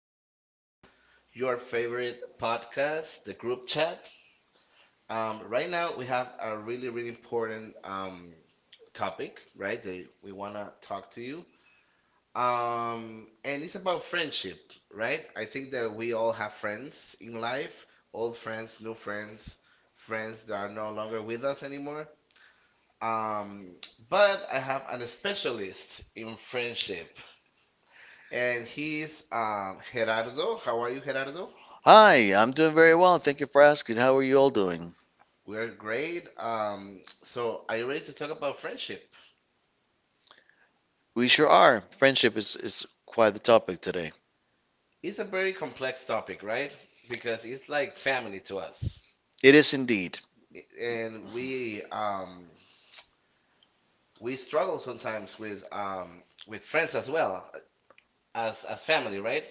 back to your favorite podcast, the group chat. Right now, we have a really, really important topic, right? That we want to talk to you. And it's about friendship, right? I think that we all have friends in life, old friends, new friends, friends that are no longer with us anymore. Um, but I have an specialist in friendship. And he's Gerardo. How are you, Gerardo? Hi, I'm doing very well. Thank you for asking. How are you all doing? We're great. So are you ready to talk about friendship? We sure are. Friendship is quite the topic today. It's a very complex topic, right? Because it's like family to us, It is indeed. and we we struggle sometimes with friends as well as family, right?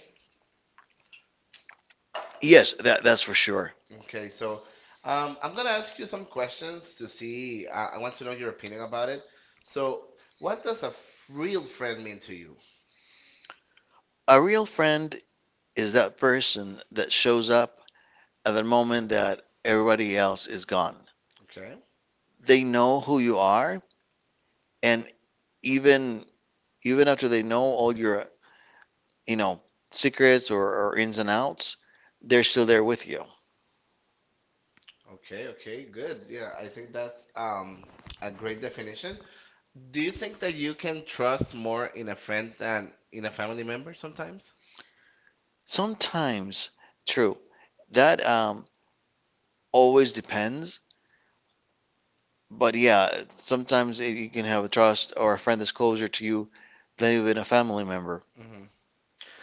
Yes, that's for sure. Okay, so I'm gonna ask you some questions to see. I want to know your opinion about it. So, what does a f- real friend mean to you? A real friend is that person that shows up at the moment that everybody else is gone. Okay. They know who you are, and even even after they know all your, you know, secrets or ins and outs, they're still there with you. Okay, okay, good. Yeah, I think that's a great definition. Do you think that you can trust more in a friend than in a family member sometimes? Sometimes, true, that always depends. But yeah, sometimes you can have a trust or a friend that's closer to you than even a family member. hmm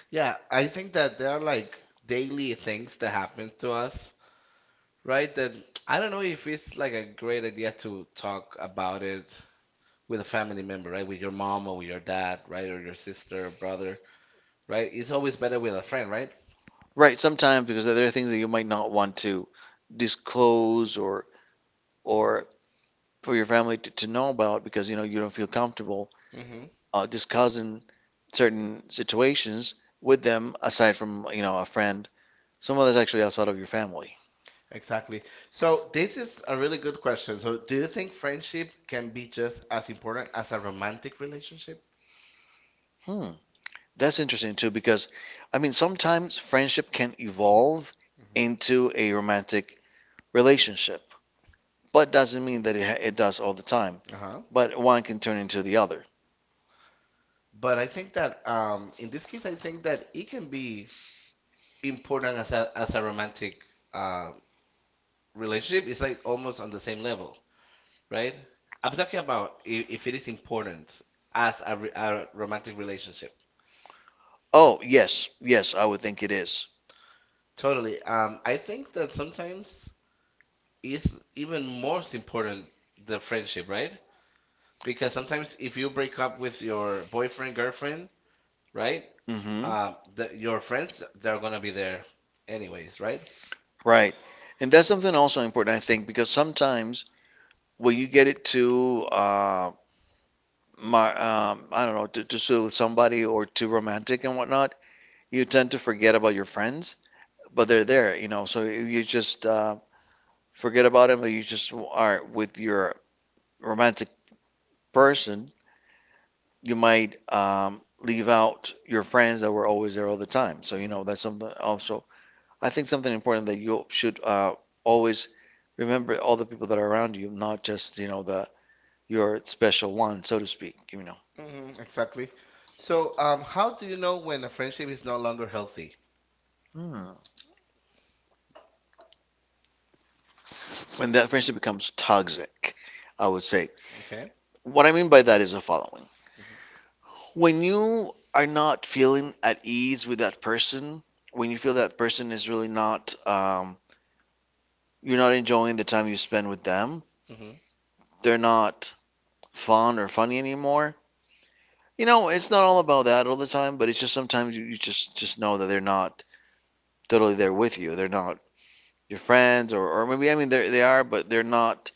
Yeah, I think that there are like daily things that happens to us, right? That I don't know if it's like a great idea to talk about it with a family member, right? With your mom or with your dad, right? Or your sister or brother, right? It's always better with a friend, right? Right, sometimes because there are things that you might not want to disclose or for your family to know about because you know you don't feel comfortable discussing certain situations with them aside from you know a friend, someone that's actually outside of your family. Exactly. So this is a really good question. So do you think friendship can be just as important as a romantic relationship? Hmm, that's interesting too because I mean sometimes friendship can evolve Mhm. into a romantic relationship, but doesn't mean that it does all the time. Uh-huh. But one can turn into the other. But I think that in this case, I think that it can be important as a romantic um, relationship. It's like almost on the same level, right? I'm talking about if it is important as a romantic relationship. Oh, yes, yes, I would think it is. Totally. I think that sometimes it's even more important the friendship, right? Because sometimes if you break up with your boyfriend, girlfriend, right? Mm-hmm. Your friends, they're gonna be there anyways, right? Right. And that's something also important, I think, because sometimes when you get it too, I don't know, to suit somebody or too romantic and whatnot, you tend to forget about your friends, but they're there, you know. So you just forget about them, but you just are with your romantic person, you might leave out your friends that were always there all the time. So, you hmm know, that's something also, I think something important that you should always remember all the people that are around you, not just, you know, the your special one, so to speak, you know. Exactly. So, how do you know when a friendship is no longer healthy? Hmm. When that friendship becomes toxic, I would say. Okay. What I mean by that is the following. hmm When you are not feeling at ease with that person, when you feel that person is really not, you're not enjoying the time you spend with them, hmm they're not fun or funny anymore. You know, it's not all about that all the time, but it's just sometimes you just know that they're not totally there with you. They're not your friends, or maybe I mean they are, but they're not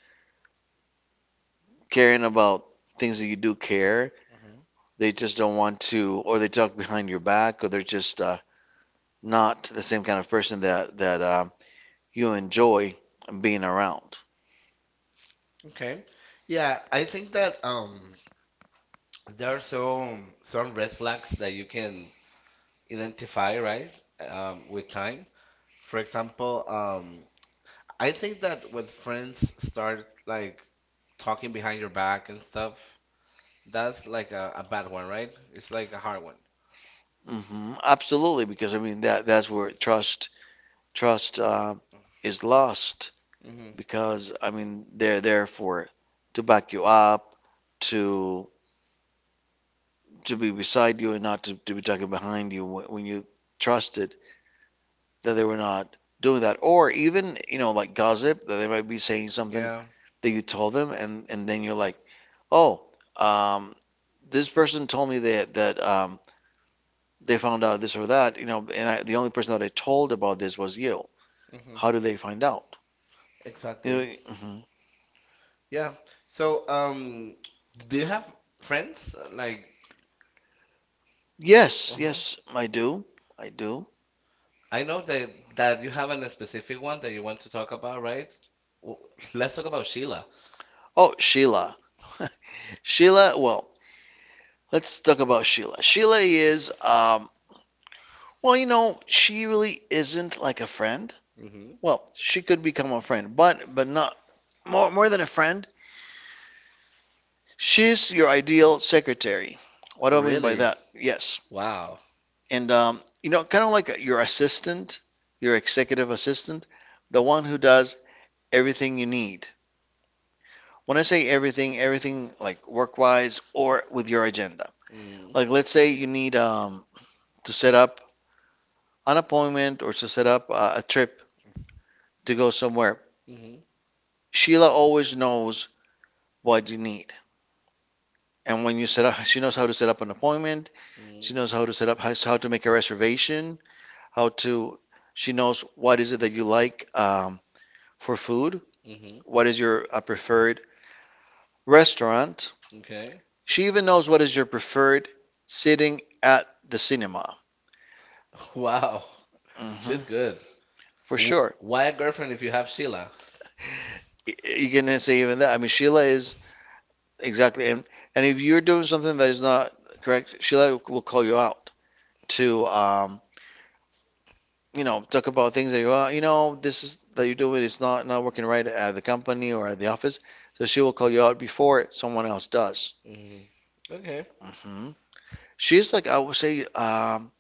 caring about things that you do care. hmm They just don't want to, or they talk behind your back, or they're just not the same kind of person that you enjoy being around. Okay. Yeah, I think that there are some red flags that you can identify, right? With time. For example, I think that when friends start like talking behind your back and stuff, that's like a bad one, right? It's like a hard one. Hmm. Absolutely, because I mean that's where trust is lost Mm-hmm. because I mean they're there for to back you up, to to be beside you, and not to be talking behind you when you trusted that they were not doing that, or even you know like gossip that they might be saying something Yeah. that you told them, and then you're like, oh, um, this person told me that they found out this or that, you know, and I, the only person that I told about this was you. Mm-hmm. How did they find out? You Exactly. know, mhm. Yeah. So, do you have friends like? Yes, Uh-huh. yes, I do, I do. I know that you have a specific one that you want to talk about, right? W let's talk about Sheila. Oh, Sheila. Sheila, well, let's talk about Sheila. Sheila is, well, you know, she really isn't like a friend. Mm-hmm. Well, she could become a friend, but not more than a friend. She's your ideal secretary. What do I mean by Really? that? Yes. Wow. And you know, kind of like your assistant, your executive assistant, the one who does everything you need. When I say everything, everything like work-wise or with your agenda. Like Mm-hmm. let's say you need to set up an appointment or to set up a trip to go somewhere. Sheila always knows what you need. And when you set up, she knows how to set up an appointment. She Mm-hmm. knows how to set up, how, to make a reservation, how to, she knows what is it that you like for food, Mm-hmm. what is your preferred restaurant. Okay. She even knows what is your preferred sitting at the cinema. Wow. She's Mhm. good. For W- sure. why a girlfriend if you have Sheila? You're going to say even that. I mean, Sheila is. Exactly. And if you're doing something that is not correct, Sheila will call you out to you know, talk about things that you are, you know, this is that you're doing is not working right at the company or at the office. So she will call you out before someone else does. hmm Okay. Hmm. She's like I would say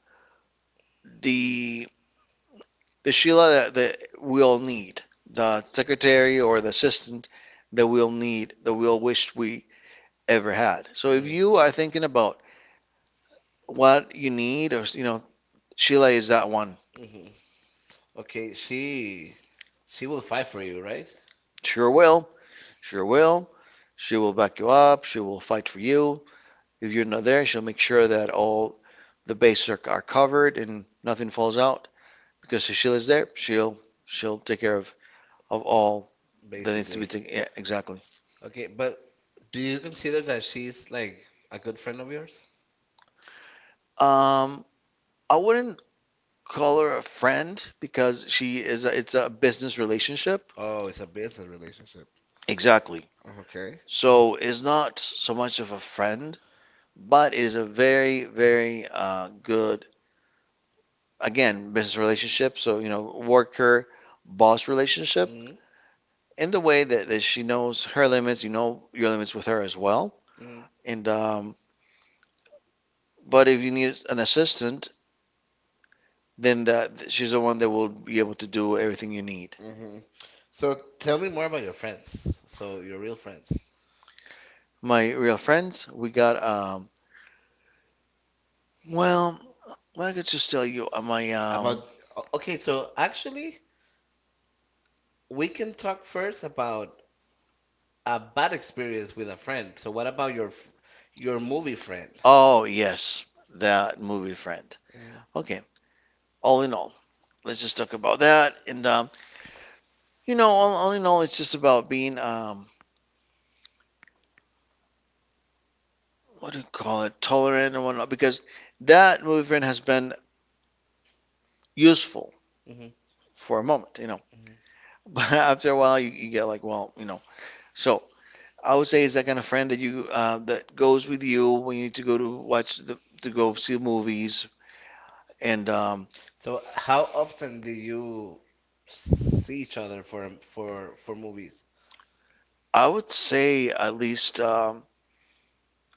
the the Sheila that we'll need, the secretary or the assistant that we'll need, that we'll wish we ever had. So if Mm. you are thinking about what you need or you know she lays that one. hmm Okay. She will fight for you, right? Sure will. Sure will. She will back you up. She will fight for you. If you're not there, she'll make sure that all the bases are covered and nothing falls out. Because if Sheila's there, she'll take care of all that needs to be Basically. taken. Yeah, Exactly. exactly. Okay. But do you consider that she's like a good friend of yours? Um, I wouldn't call her a friend because she is a, it's a business relationship. Oh, it's a business relationship. Exactly. Okay. So it's not so much of a friend, but it is a very good again, business relationship. So, you know, worker boss relationship hmm in the way that she knows her limits, you know your limits with her as well. hmm And, but if you need an assistant, then that she's the one that will be able to do everything you need. hmm So tell me more about your friends. So your real friends. My real friends, we got, well, I could just tell you, About okay, so actually, we can talk first about a bad experience with a friend. So what about your your movie friend? oh, yes, that movie friend. Mm, Okay, all in all, let's just talk about that. And, you know, all in all, it's just about being, what do you call it, tolerant and whatnot, because that movement has been useful mhm, for a moment, you know. mhm. But after a while, you get like, well, you know. So I would say is that kind of friend that you that goes with you when you need to go to watch the to go see movies. And So how often do you see each other for for movies? I would say at least,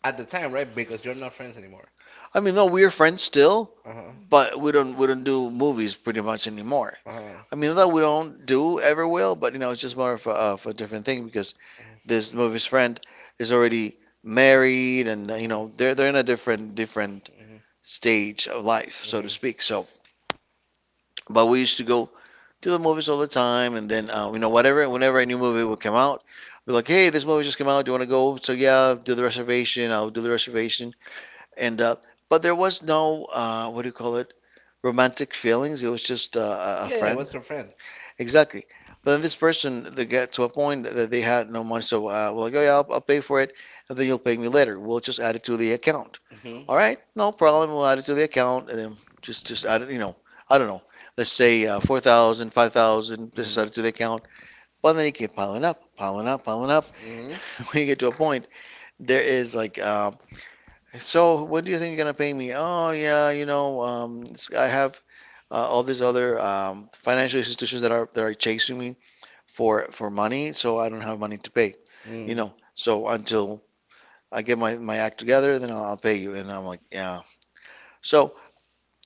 At the time, right? Because you're not friends anymore. I mean, no, we are friends still, Uh-huh. but we don't do movies pretty much anymore. Uh-huh. I mean, that we don't do ever will, but you know, it's just more of of a different thing because mhm, this movie's friend is already married and you mhm, know they're in a mhm, different stage of life, so to mhm. speak. So but we used to go to the movies all the time, and then you know whatever whenever a new movie would come out, we're like, hey, this movie just came out, do you want to go? So yeah, do the reservation I'll do the reservation. And But there was no what do you call it romantic feelings. It was just a Yeah, yeah, it friend. was your friend. Exactly. But then this person, they got to a point that they had no money, so well, like, oh yeah, I'll pay for it, and then you'll pay me later. We'll just add it to the account. Mm-hmm. All right, no problem. We'll add it to the account, and then just add it. You know, I don't know. Let's say 4,000, 5,000. Just Mhm. add it to the account. But then you keep piling up, piling up, piling up. Mm-hmm. When you get to a point, there is like, so when do you think you're gonna pay me? Oh yeah, you know, it's- I have all these other financial institutions that are chasing me for money, so I don't have money to pay. You Mm. know, so until I get my act together, then I'll pay you. And I'm like, yeah. So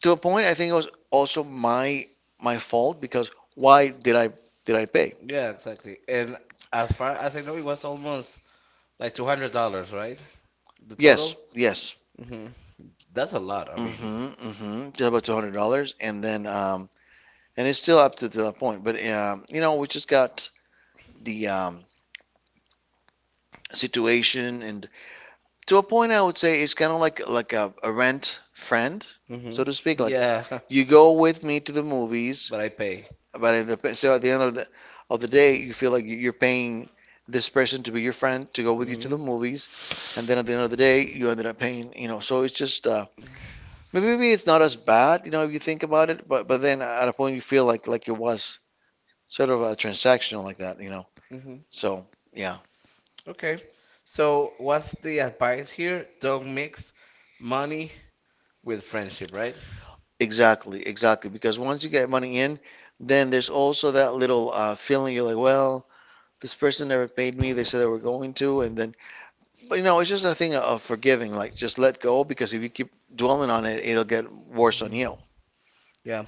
to a point, I think it was also my fault because Know. why did I pay? Yeah, exactly. And as far as I know, it was almost like $200, right? The Yes, yes. Mm-hmm. That's a lot. I Mm-hmm, mm-hmm. Just about $200, and then and it's still up to that point. But you know, we just got the situation and to a point, I would say it's kind of like a rent friend, so Mm-hmm. so to speak. Like Yeah, you go with me to the movies, but I pay. but at the end of the day, you feel like you're paying this person to be your friend to go with you to Mhm. the movies, and then at the end of the day, you ended up paying. You know, so it's just maybe it's not as bad, you know, if you think about it. But then at a point, you feel like it was sort of a transactional like that, you know. Mm-hmm. So yeah. Okay. So, what's the advice here? Don't mix money with friendship, right? Exactly, exactly. Because once you get money in, then there's also that little feeling. You're like, well, this person never paid me. They said they were going to, and then, but you know, it's just a thing of forgiving. Like, just let go, because if you keep dwelling on it, it'll get worse on you. Yeah.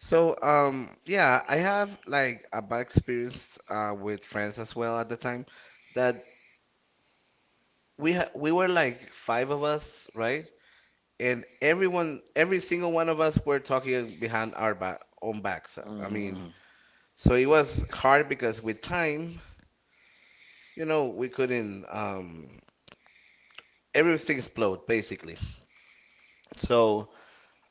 So, yeah, I have like a bad experience with friends as well at the time that we were like five of us, right? And everyone, every single one of us were talking behind our back, own backs. I mean, Mm, so it was hard because with time, you know, we couldn't everything explode basically. So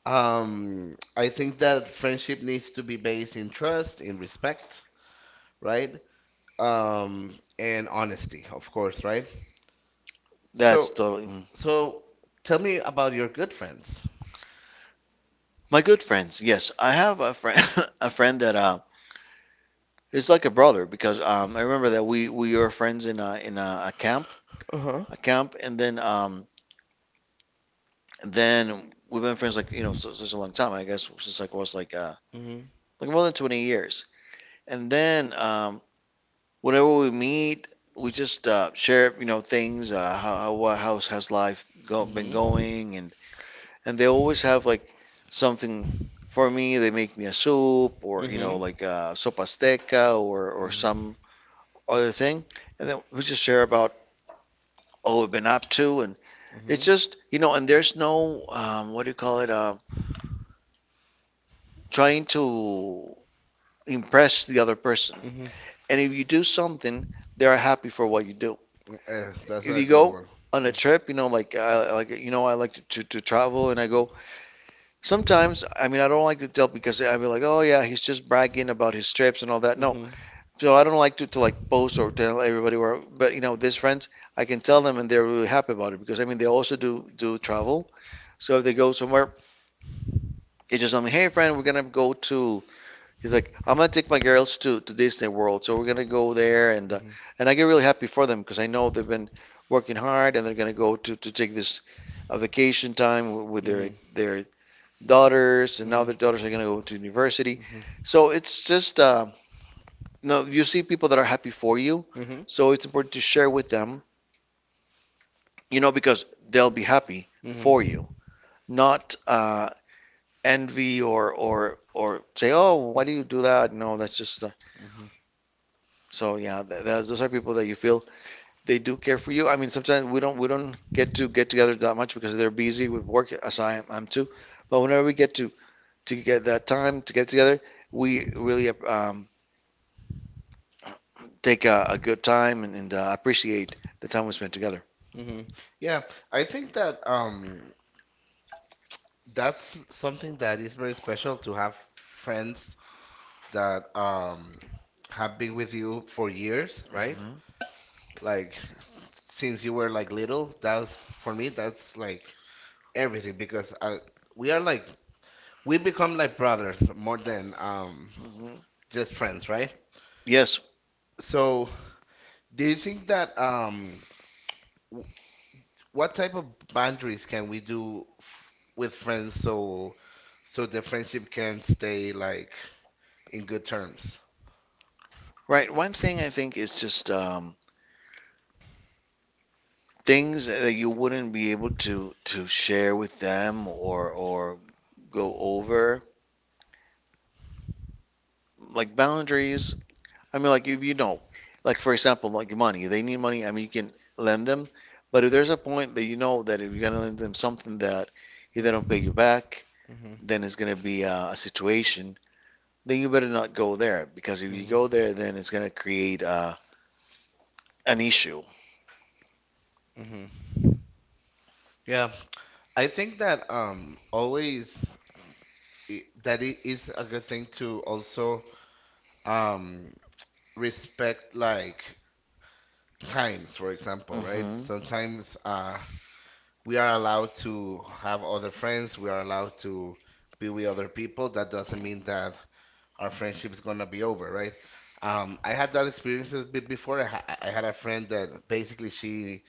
I think that friendship needs to be based in trust, in respect, right? Um, and honesty, of course, right? So that's totally. Mm. so tell me about your good friends. My good friends, yes, I have a friend, a friend that is like a brother because I remember that we were friends in Uh-huh. a camp, and then we've been friends like you know such, such a long time. I guess since like I was Mhm. like more than 20 years. And then whenever we meet, we just share, you know, things, how how's life been hmm going, and they always have like something for me. They make me a soup, or you Mm-hmm. know like sopa azteca, or some other thing, and then we just share about all we've been up to, and hmm it's just you know, and there's no what do you call it? Trying to impress the other person. hmm And if you do something, they are happy for what you do. mm That's If a you good go one. on a trip, you know, like I like you know, I like to travel, and I go. Sometimes, I mean, I don't like to tell because I'd be like, oh yeah, he's just bragging about his trips and all that. No, Mm-hmm. so I don't like to like post or tell everybody where. But you know, these friends, I can tell them, and they're really happy about it because I mean, they also do travel. So if they go somewhere, they just tell me, hey friend, we're gonna go to. He's like, I'm gonna take my girls to Disney World, so we're gonna go there, Mm-hmm. and I get really happy for them because I know they've been working hard, and they're gonna go to take this vacation time with their daughters, and now Mhm. their daughters are gonna go to university. Mm-hmm. So it's just, you know, you see people that are happy for you, Mm-hmm. so it's important to share with them, you know, because they'll be happy for you, not envy or or say, oh, why do you do that? No, that's just uh. Mm-hmm. So yeah, th those are people that you feel they do care for you. I mean, sometimes we don't get to get together that much because they're busy with work, as I am, I'm too. But whenever we get to get that time to get together, we really take a good time, and appreciate the time we spend together. Mm-hmm. Yeah, I think that that's something that is very special to have friends that have been with you for years, right? Like since you were like little, that's for me that's like everything because I, we are like we become like brothers more than Mhm, mhm. just friends, right? Yes, So do you think that w- what type of boundaries can we do f with friends so so the friendship can stay like in good terms? right. One thing I think is just things that you wouldn't be able to share with them or go over, like boundaries. I mean, like you know, like for example, like money. They need money. I mean, you can lend them, but if there's a point that you know that if you're gonna lend them something that if they Mm-hmm. don't pay you back, Mm-hmm. then it's gonna be a situation. Then you better not go there, because if you go Mm-hmm. there, then it's gonna create an issue. hmm Yeah, I think that always that it is a good thing to also um, respect like times, for example, right? Hmm. Sometimes we are allowed to have other friends, we are allowed to be with other people. That doesn't mean that our friendship is gonna be over, right? I had that experience a before. I had a friend that basically she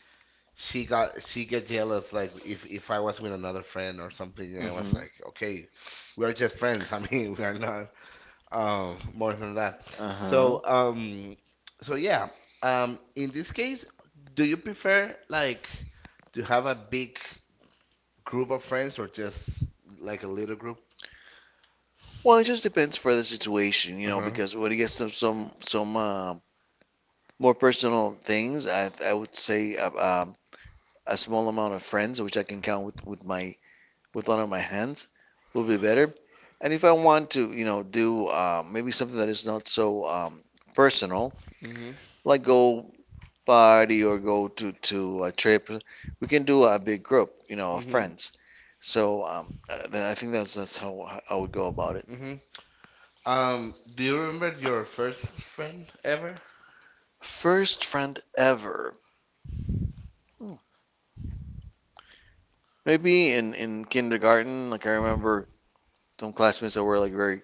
she got she get jealous like if I was with another friend or something. I was Hmm. like, okay, we are just friends. I mean, we are not more than that. Uh-huh. So, so yeah. In this case, do you prefer like to have a big group of friends or just like a little group? Well, it just depends for the situation, you know, Uh-huh. because when it gets to some more personal things, I would say a small amount of friends, which I can count with my with one of my hands, will be better. And if I want to, you know, do maybe something that is not so personal, Mm-hmm. like go party or go to a trip, we can do a big group, you know, of Mm-hmm. friends. So I think that's how I would go about it. Mm-hmm. Do you remember your first friend ever? First friend ever. Hmm. Maybe in kindergarten, like I remember some classmates that were like very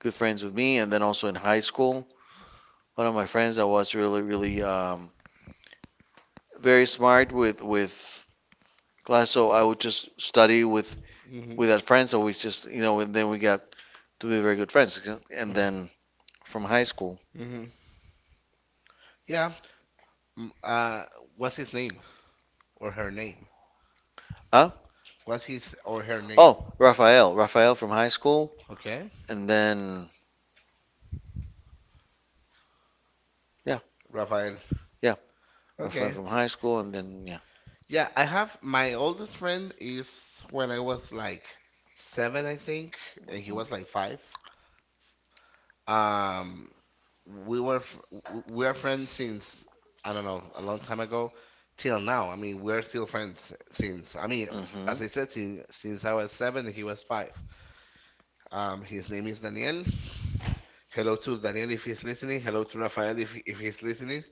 good friends with me, and then also in high school, one of my friends that was really, really very smart with class. So I would just study Mm-hmm. with that friend. So we just, you know, and then we got to be very good friends. And Mm-hmm. then from high school, Mm-hmm. Yeah. Mm, what's his name or her name? huh? What's his or her name? Oh, Rafael, Rafael from high school, Okay. and then yeah, Rafael. yeah, Rafael Okay. from high school, and then yeah. Yeah, I have my oldest friend is when I was like seven, I think, and he Mhm. was like five. Um, we were we are friends since I don't know a long time ago till now. I mean, we're still friends since I mean, Mhm. as I said, since I was seven and he was five. His name is Daniel. Hello to Daniel if he's listening. Hello to Rafael if he's listening.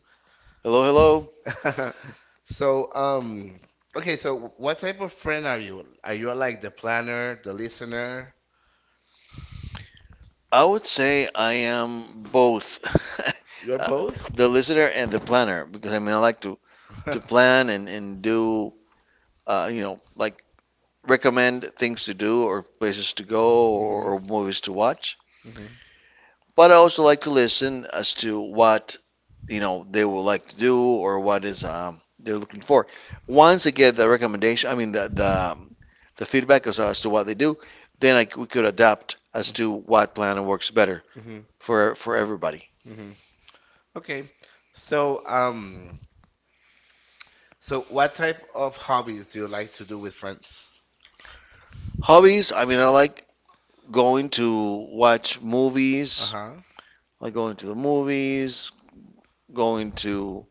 Hello, hello. So, okay, so what type of friend are you? Are you like the planner, the listener? I would say I am both. You're uh, both? the listener and the planner, because I mean I like to plan and do you know like recommend things to do, or places to go, Mm-hmm. or movies to watch. Mm-hmm. But I also like to listen as to what you know they would like to do, or what is they're looking for. Once I get the recommendation, I mean the the feedback as to what they do, then we could adapt as to what planner works better Mm-hmm. For everybody. Mm-hmm. Okay. So, so what type of hobbies do you like to do with friends? Hobbies, I mean, I like going to watch movies, Uh-huh. like going to the movies, going to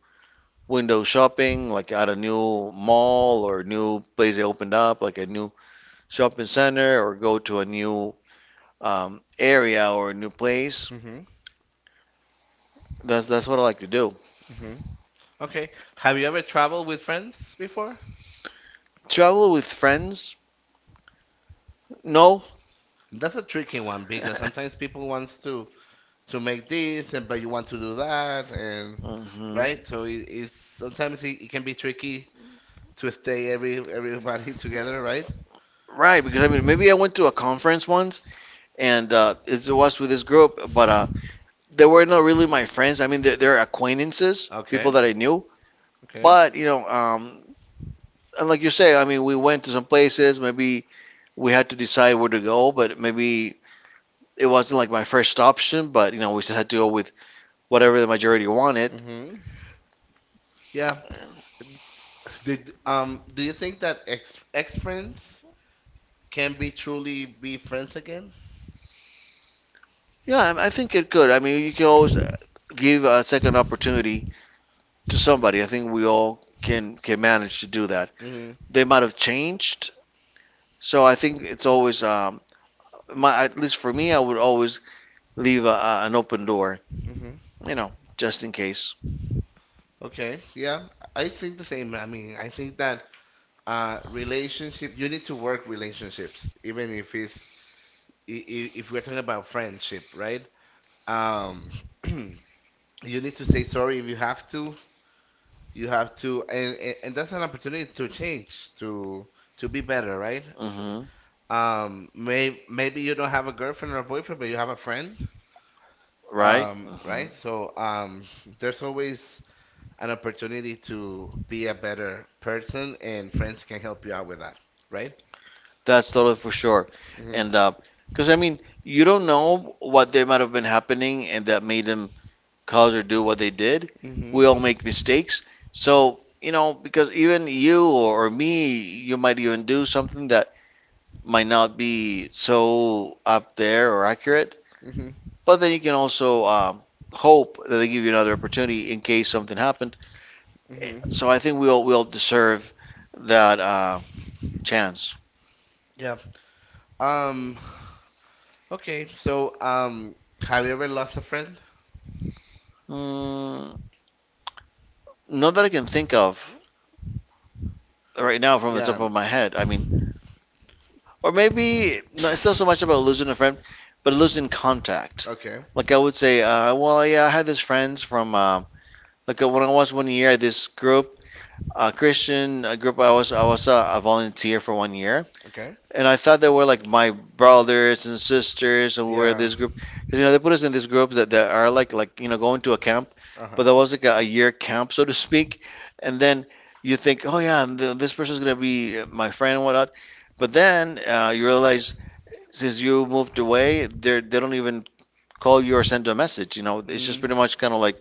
window shopping, like at a new mall or a new place they opened up, like a new shopping center, or go to a new area or a new place. Mm-hmm. That's what I like to do. Mm-hmm. Okay. Have you ever traveled with friends before? Travel with friends? No. That's a tricky one because sometimes people wants to make this and but you want to do that and Mhm. right so it is sometimes it can be tricky to stay everybody together, right? Right, because I mean, maybe I went to a conference once, and it was with this group, but they were not really my friends. I mean, they're acquaintances. Okay, people Okay. that I knew. Okay. But you know, and like you say, I mean, we went to some places. Maybe we had to decide where to go, but maybe it wasn't like my first option. But you know, we just had to go with whatever the majority wanted. hmm yeah, did do you think that ex friends can be truly be friends again? Yeah, I think it could. I mean, you can always give a second opportunity to somebody. I think we all can manage to do that. hmm They might have changed, so I think it's always my at least for me, I would always leave an open door. hmm You know, just in case. okay, yeah, I think the same. I mean, I think that relationship you need to work relationships even if if we're talking about friendship, right? Um, you need to say sorry if you have to. You have to, and, and that's an opportunity to change, to be better, right? Hmm. Maybe you don't have a girlfriend or a boyfriend, but you have a friend, Right? Right? Hmm. So there's always an opportunity to be a better person, and friends can help you out with that, right? That's totally for sure. Mm-hmm. And because I mean, you don't know what they might have been happening and that made them cause or do what they did. Mm-hmm. We all make mistakes. So, you know, because even you or me, you might even do something that might not be so up there or accurate. Mm-hmm. But then you can also hope that they give you another opportunity in case something happened. Mm-hmm. So I think we all deserve that. Chance. Yeah. Um, okay, so, have you ever lost a friend? Mm, not that I can think of right now from the Yeah, top of my head. I mean, or maybe no, it's not so much about losing a friend, but losing contact. okay, Like I would say, well, yeah, I had these friends from like when I was one year at this group, a Christian group. I was a volunteer for one year, okay. and I thought they were like my brothers and sisters, and we were in Yeah, this group, because you know they put us in this group that, that are like you know going to a, uh-huh. but that was like a year camp, so to speak. And then you think, oh yeah, and this person's gonna be my friend and whatnot. But then you realize since you moved away, they don't even call you or send you a message. You know, it's just Mm, pretty much kind of like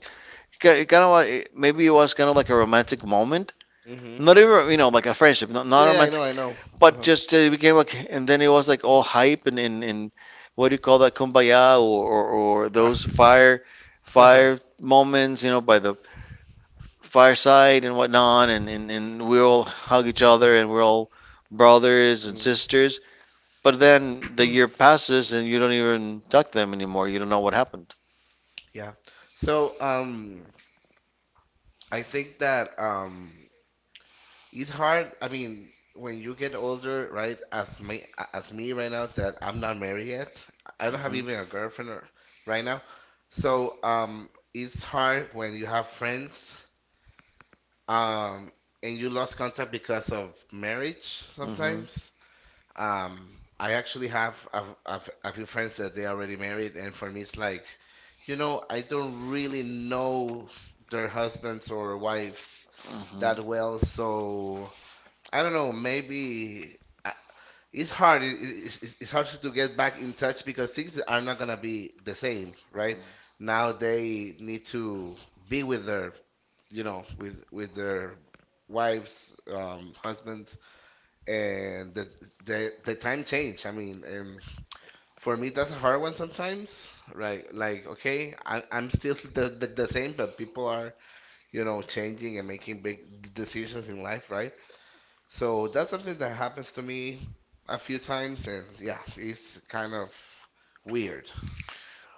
kind of maybe it was kind of like a romantic moment, mm-hmm. not even you know like a friendship, not not Yeah, yeah, I know, romantic, I know. but Uh-huh. just it became like, and then it was like all hype and in what do you call that, kumbaya, or those Ah. fire moments, you know, by the fireside and whatnot, and we all hug each other, and we're all brothers and Mm, sisters. But then the year passes and you don't even talk to them anymore. You don't know what happened. yeah. So, I think that, it's hard. I mean, when you get older, right? As me right now, that I'm not married yet. I don't have even a girlfriend or- right now. So, it's hard when you have friends, um, and you lost contact because of marriage sometimes. I actually have a few friends that they already married, and for me, it's like, you know, I don't really know their husbands or wives Mhm. that well, so. I don't know. Maybe I- it's hard. It's, it's hard to get back in touch because things are not gonna be the same, right? Now they need to be with their, you know, with their wives, husbands, and the time change. I mean, for me that's a hard one sometimes, right? Like, okay, I'm still the same, but people are, you know, changing and making big decisions in life, right? So that's something that happens to me a few times, and yeah, it's kind of weird.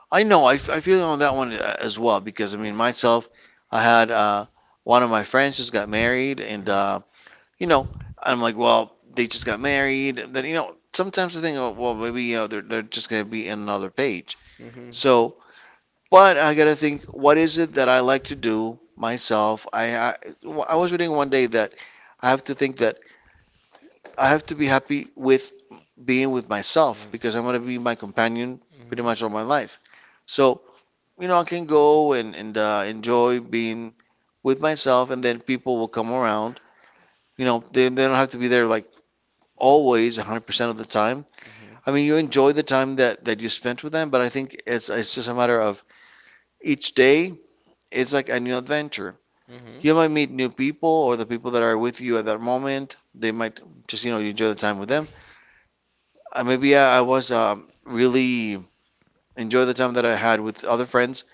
I know. I feel on that one as well, because I mean myself, I had one of my friends just got married, and Mhm. You know, I'm like, well, they just got married. Then you know, sometimes I think, oh, well, maybe you know, they're just gonna be in another page. Mhm. So, but I gotta think, what is it that I like to do myself? I was reading one day that I have to think that I have to be happy with being with myself, because I'm Mhm. gonna be my companion pretty Mhm. much all my life. So, you know, I can go and enjoy being with myself, and then people will come around. You know, they don't have to be there like always 100% of the time. Mhm. I mean, you enjoy the time that you spent with them, but I think it's just a matter of each day is like a new adventure. Mhm. You might meet new people or the people that are with you at that moment. They might just, you enjoy the time with them. Maybe I was really enjoy the time that I had with other friends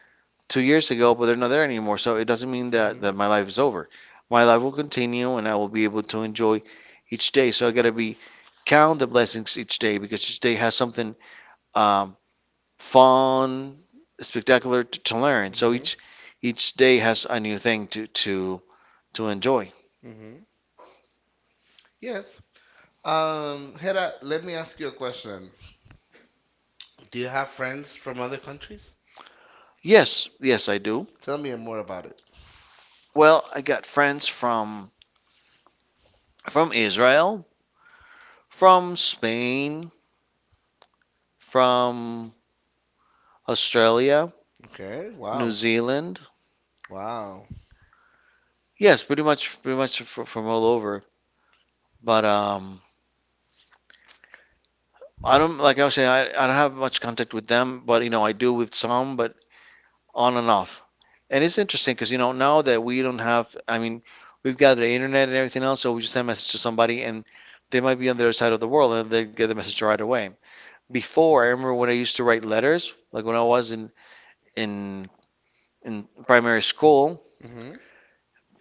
2 years ago, but they're not there anymore. So it doesn't mean that my life is over. My life will continue and I will be able to enjoy each day. So I got to be count the blessings each day because each day has something um, fun, spectacular to learn. So Mhm. each day has a new thing to enjoy. Mhm. Yes. Hera, let me ask you a question. Do you have friends from other countries? Yes, yes, I do. Tell me more about it. Well, I got friends from Israel, from Spain, from Australia, Okay. New Wow. Zealand. Wow. Yes, pretty much from all over. But I don't like I was saying, I don't have much contact with them, but you know I do with some. But on and off. And it's interesting because you know now that we don't have, I mean, we've got the internet and everything else, so we just send a message to somebody and they might be on the other side of the world and they get the message right away. Before, I remember when I used to write letters, like when I was in in in primary school, Mhm.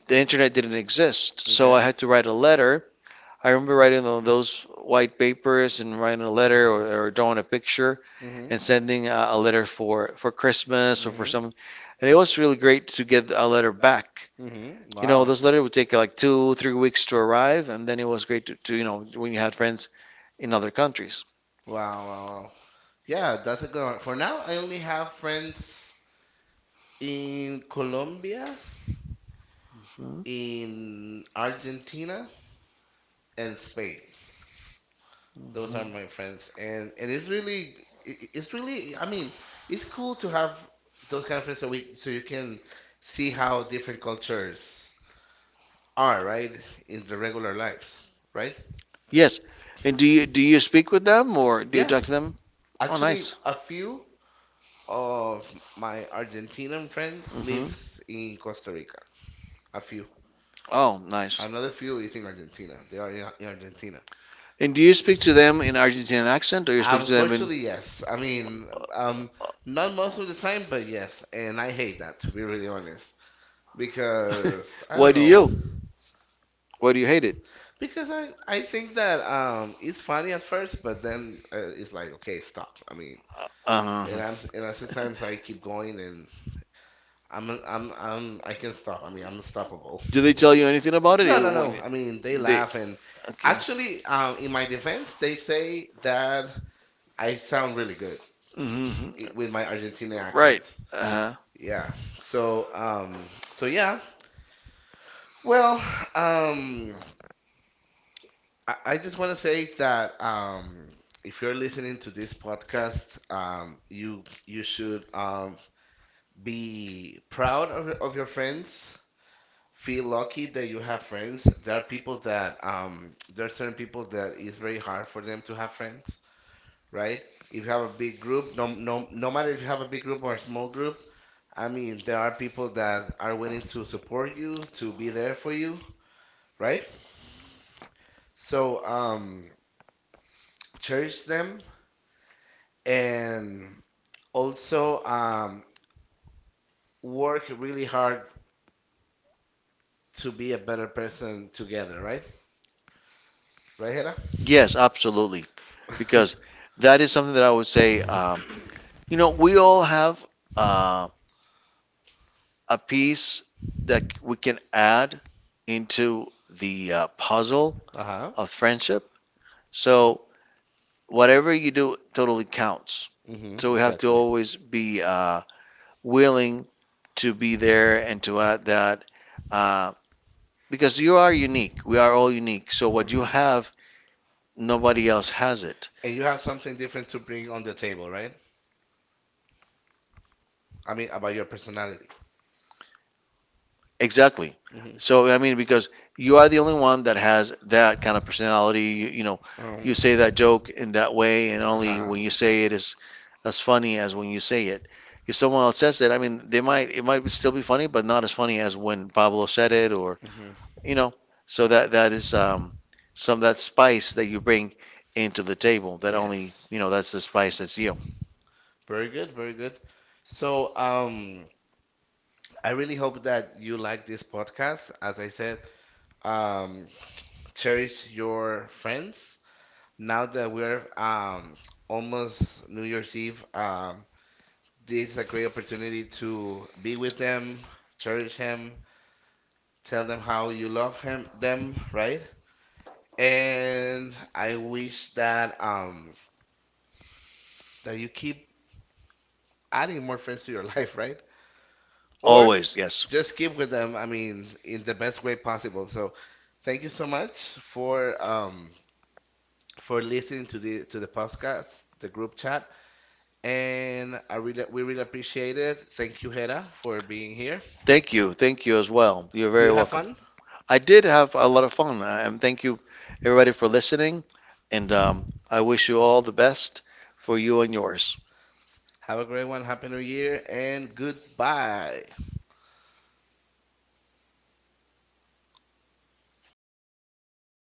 the internet didn't exist, so Okay. I had to write a letter. I remember writing on those white papers and writing a letter or drawing a picture Mhm. and sending a letter for Christmas or for Mhm. something. And it was really great to get a letter back Mhm. you know, Wow. This letter would take like 2, 3 weeks to arrive, and then it was great to when you had friends in other countries. Wow, wow, wow. Yeah, that's a good one. For now, I only have friends in Colombia, Mhm, in Argentina, and Spain. Those mhm. are my friends, and it's really, it's really. I mean, it's cool to have those kind of friends so we so you can see how different cultures are, right, in the regular lives, right? Yes. And do you speak with them or do you Yeah, talk to them? Oh, actually, nice. a few. Of my Argentinian friends Hmm. lives in Costa Rica. A few. Oh, nice. Another few is in Argentina. They are in Argentina. And do you speak to them in Argentinian accent or you speak to them in? Unfortunately, yes. I mean, um, not most of the time, but yes. And I hate that, to be really honest, because I Why don't do know. you? Why do you hate it? Because I think that it's funny at first, but then it's like, okay, stop. I mean, But and I'm s- and I, sometimes I keep going and I'm I can stop. I mean, I'm unstoppable. do they tell you anything about it? No, no, When no. I mean, they they, and laugh and okay. actually, in my defense, they say that I sound really good Hmm. With my Argentina Right. accent. Accent. Uh-huh. Yeah. So, so yeah. Well, um, I just want to say that if you're listening to this podcast, you you should be proud of of your friends feel lucky that you have friends. There are people that there are certain people that it's very hard for them to have friends, right? If you have a big group, no matter if you have a big group or a small group, I mean there are people that are willing to support you, to be there for you, right? So cherish them and also work really hard to be a better person together, right? Right, Hera? Yes, absolutely. Because that is something that I would say, we all have uh, a piece that we can add into the puzzle Uh-huh. of friendship. So whatever you do totally counts. Mm-hmm, So we have to exactly. always be willing to be there and to add that. Uh, because you are unique. We are all unique. So what you hmm have, nobody else has it. And you have something different to bring on the table, right? I mean, about your personality. Exactly. Mm-hmm. So I mean, because You, are the only one that has that kind of personality. You, you know, Um, you say that joke in that way, and only uh-huh. when you say it is as funny as when you say it. If someone else says it, I mean, they might it might still be funny, but not as funny as when Pablo said it, or hmm you know. So that is some that spice that you bring into the table. That only Yes. you know that's the spice that's you. Very good, very good. So, I really hope that you like this podcast. As I said, um, cherish your friends. Now that we're almost New Year's Eve, this is a great opportunity to be with them, cherish him, tell them how you love him them, right? And I wish that that you keep adding more friends to your life, right? Or Always, yes. just keep with them, I mean, in the best way possible. So thank you so much for listening to the podcast, the group chat. And I really we really appreciate it. Thank you, Hera, for being here. Thank you. Thank you as well. You're, did, Do you very have welcome. fun? I did have a lot of fun, and thank you, everybody, for listening. And I wish you all the best for you and yours. Have a great one. Happy New Year and goodbye.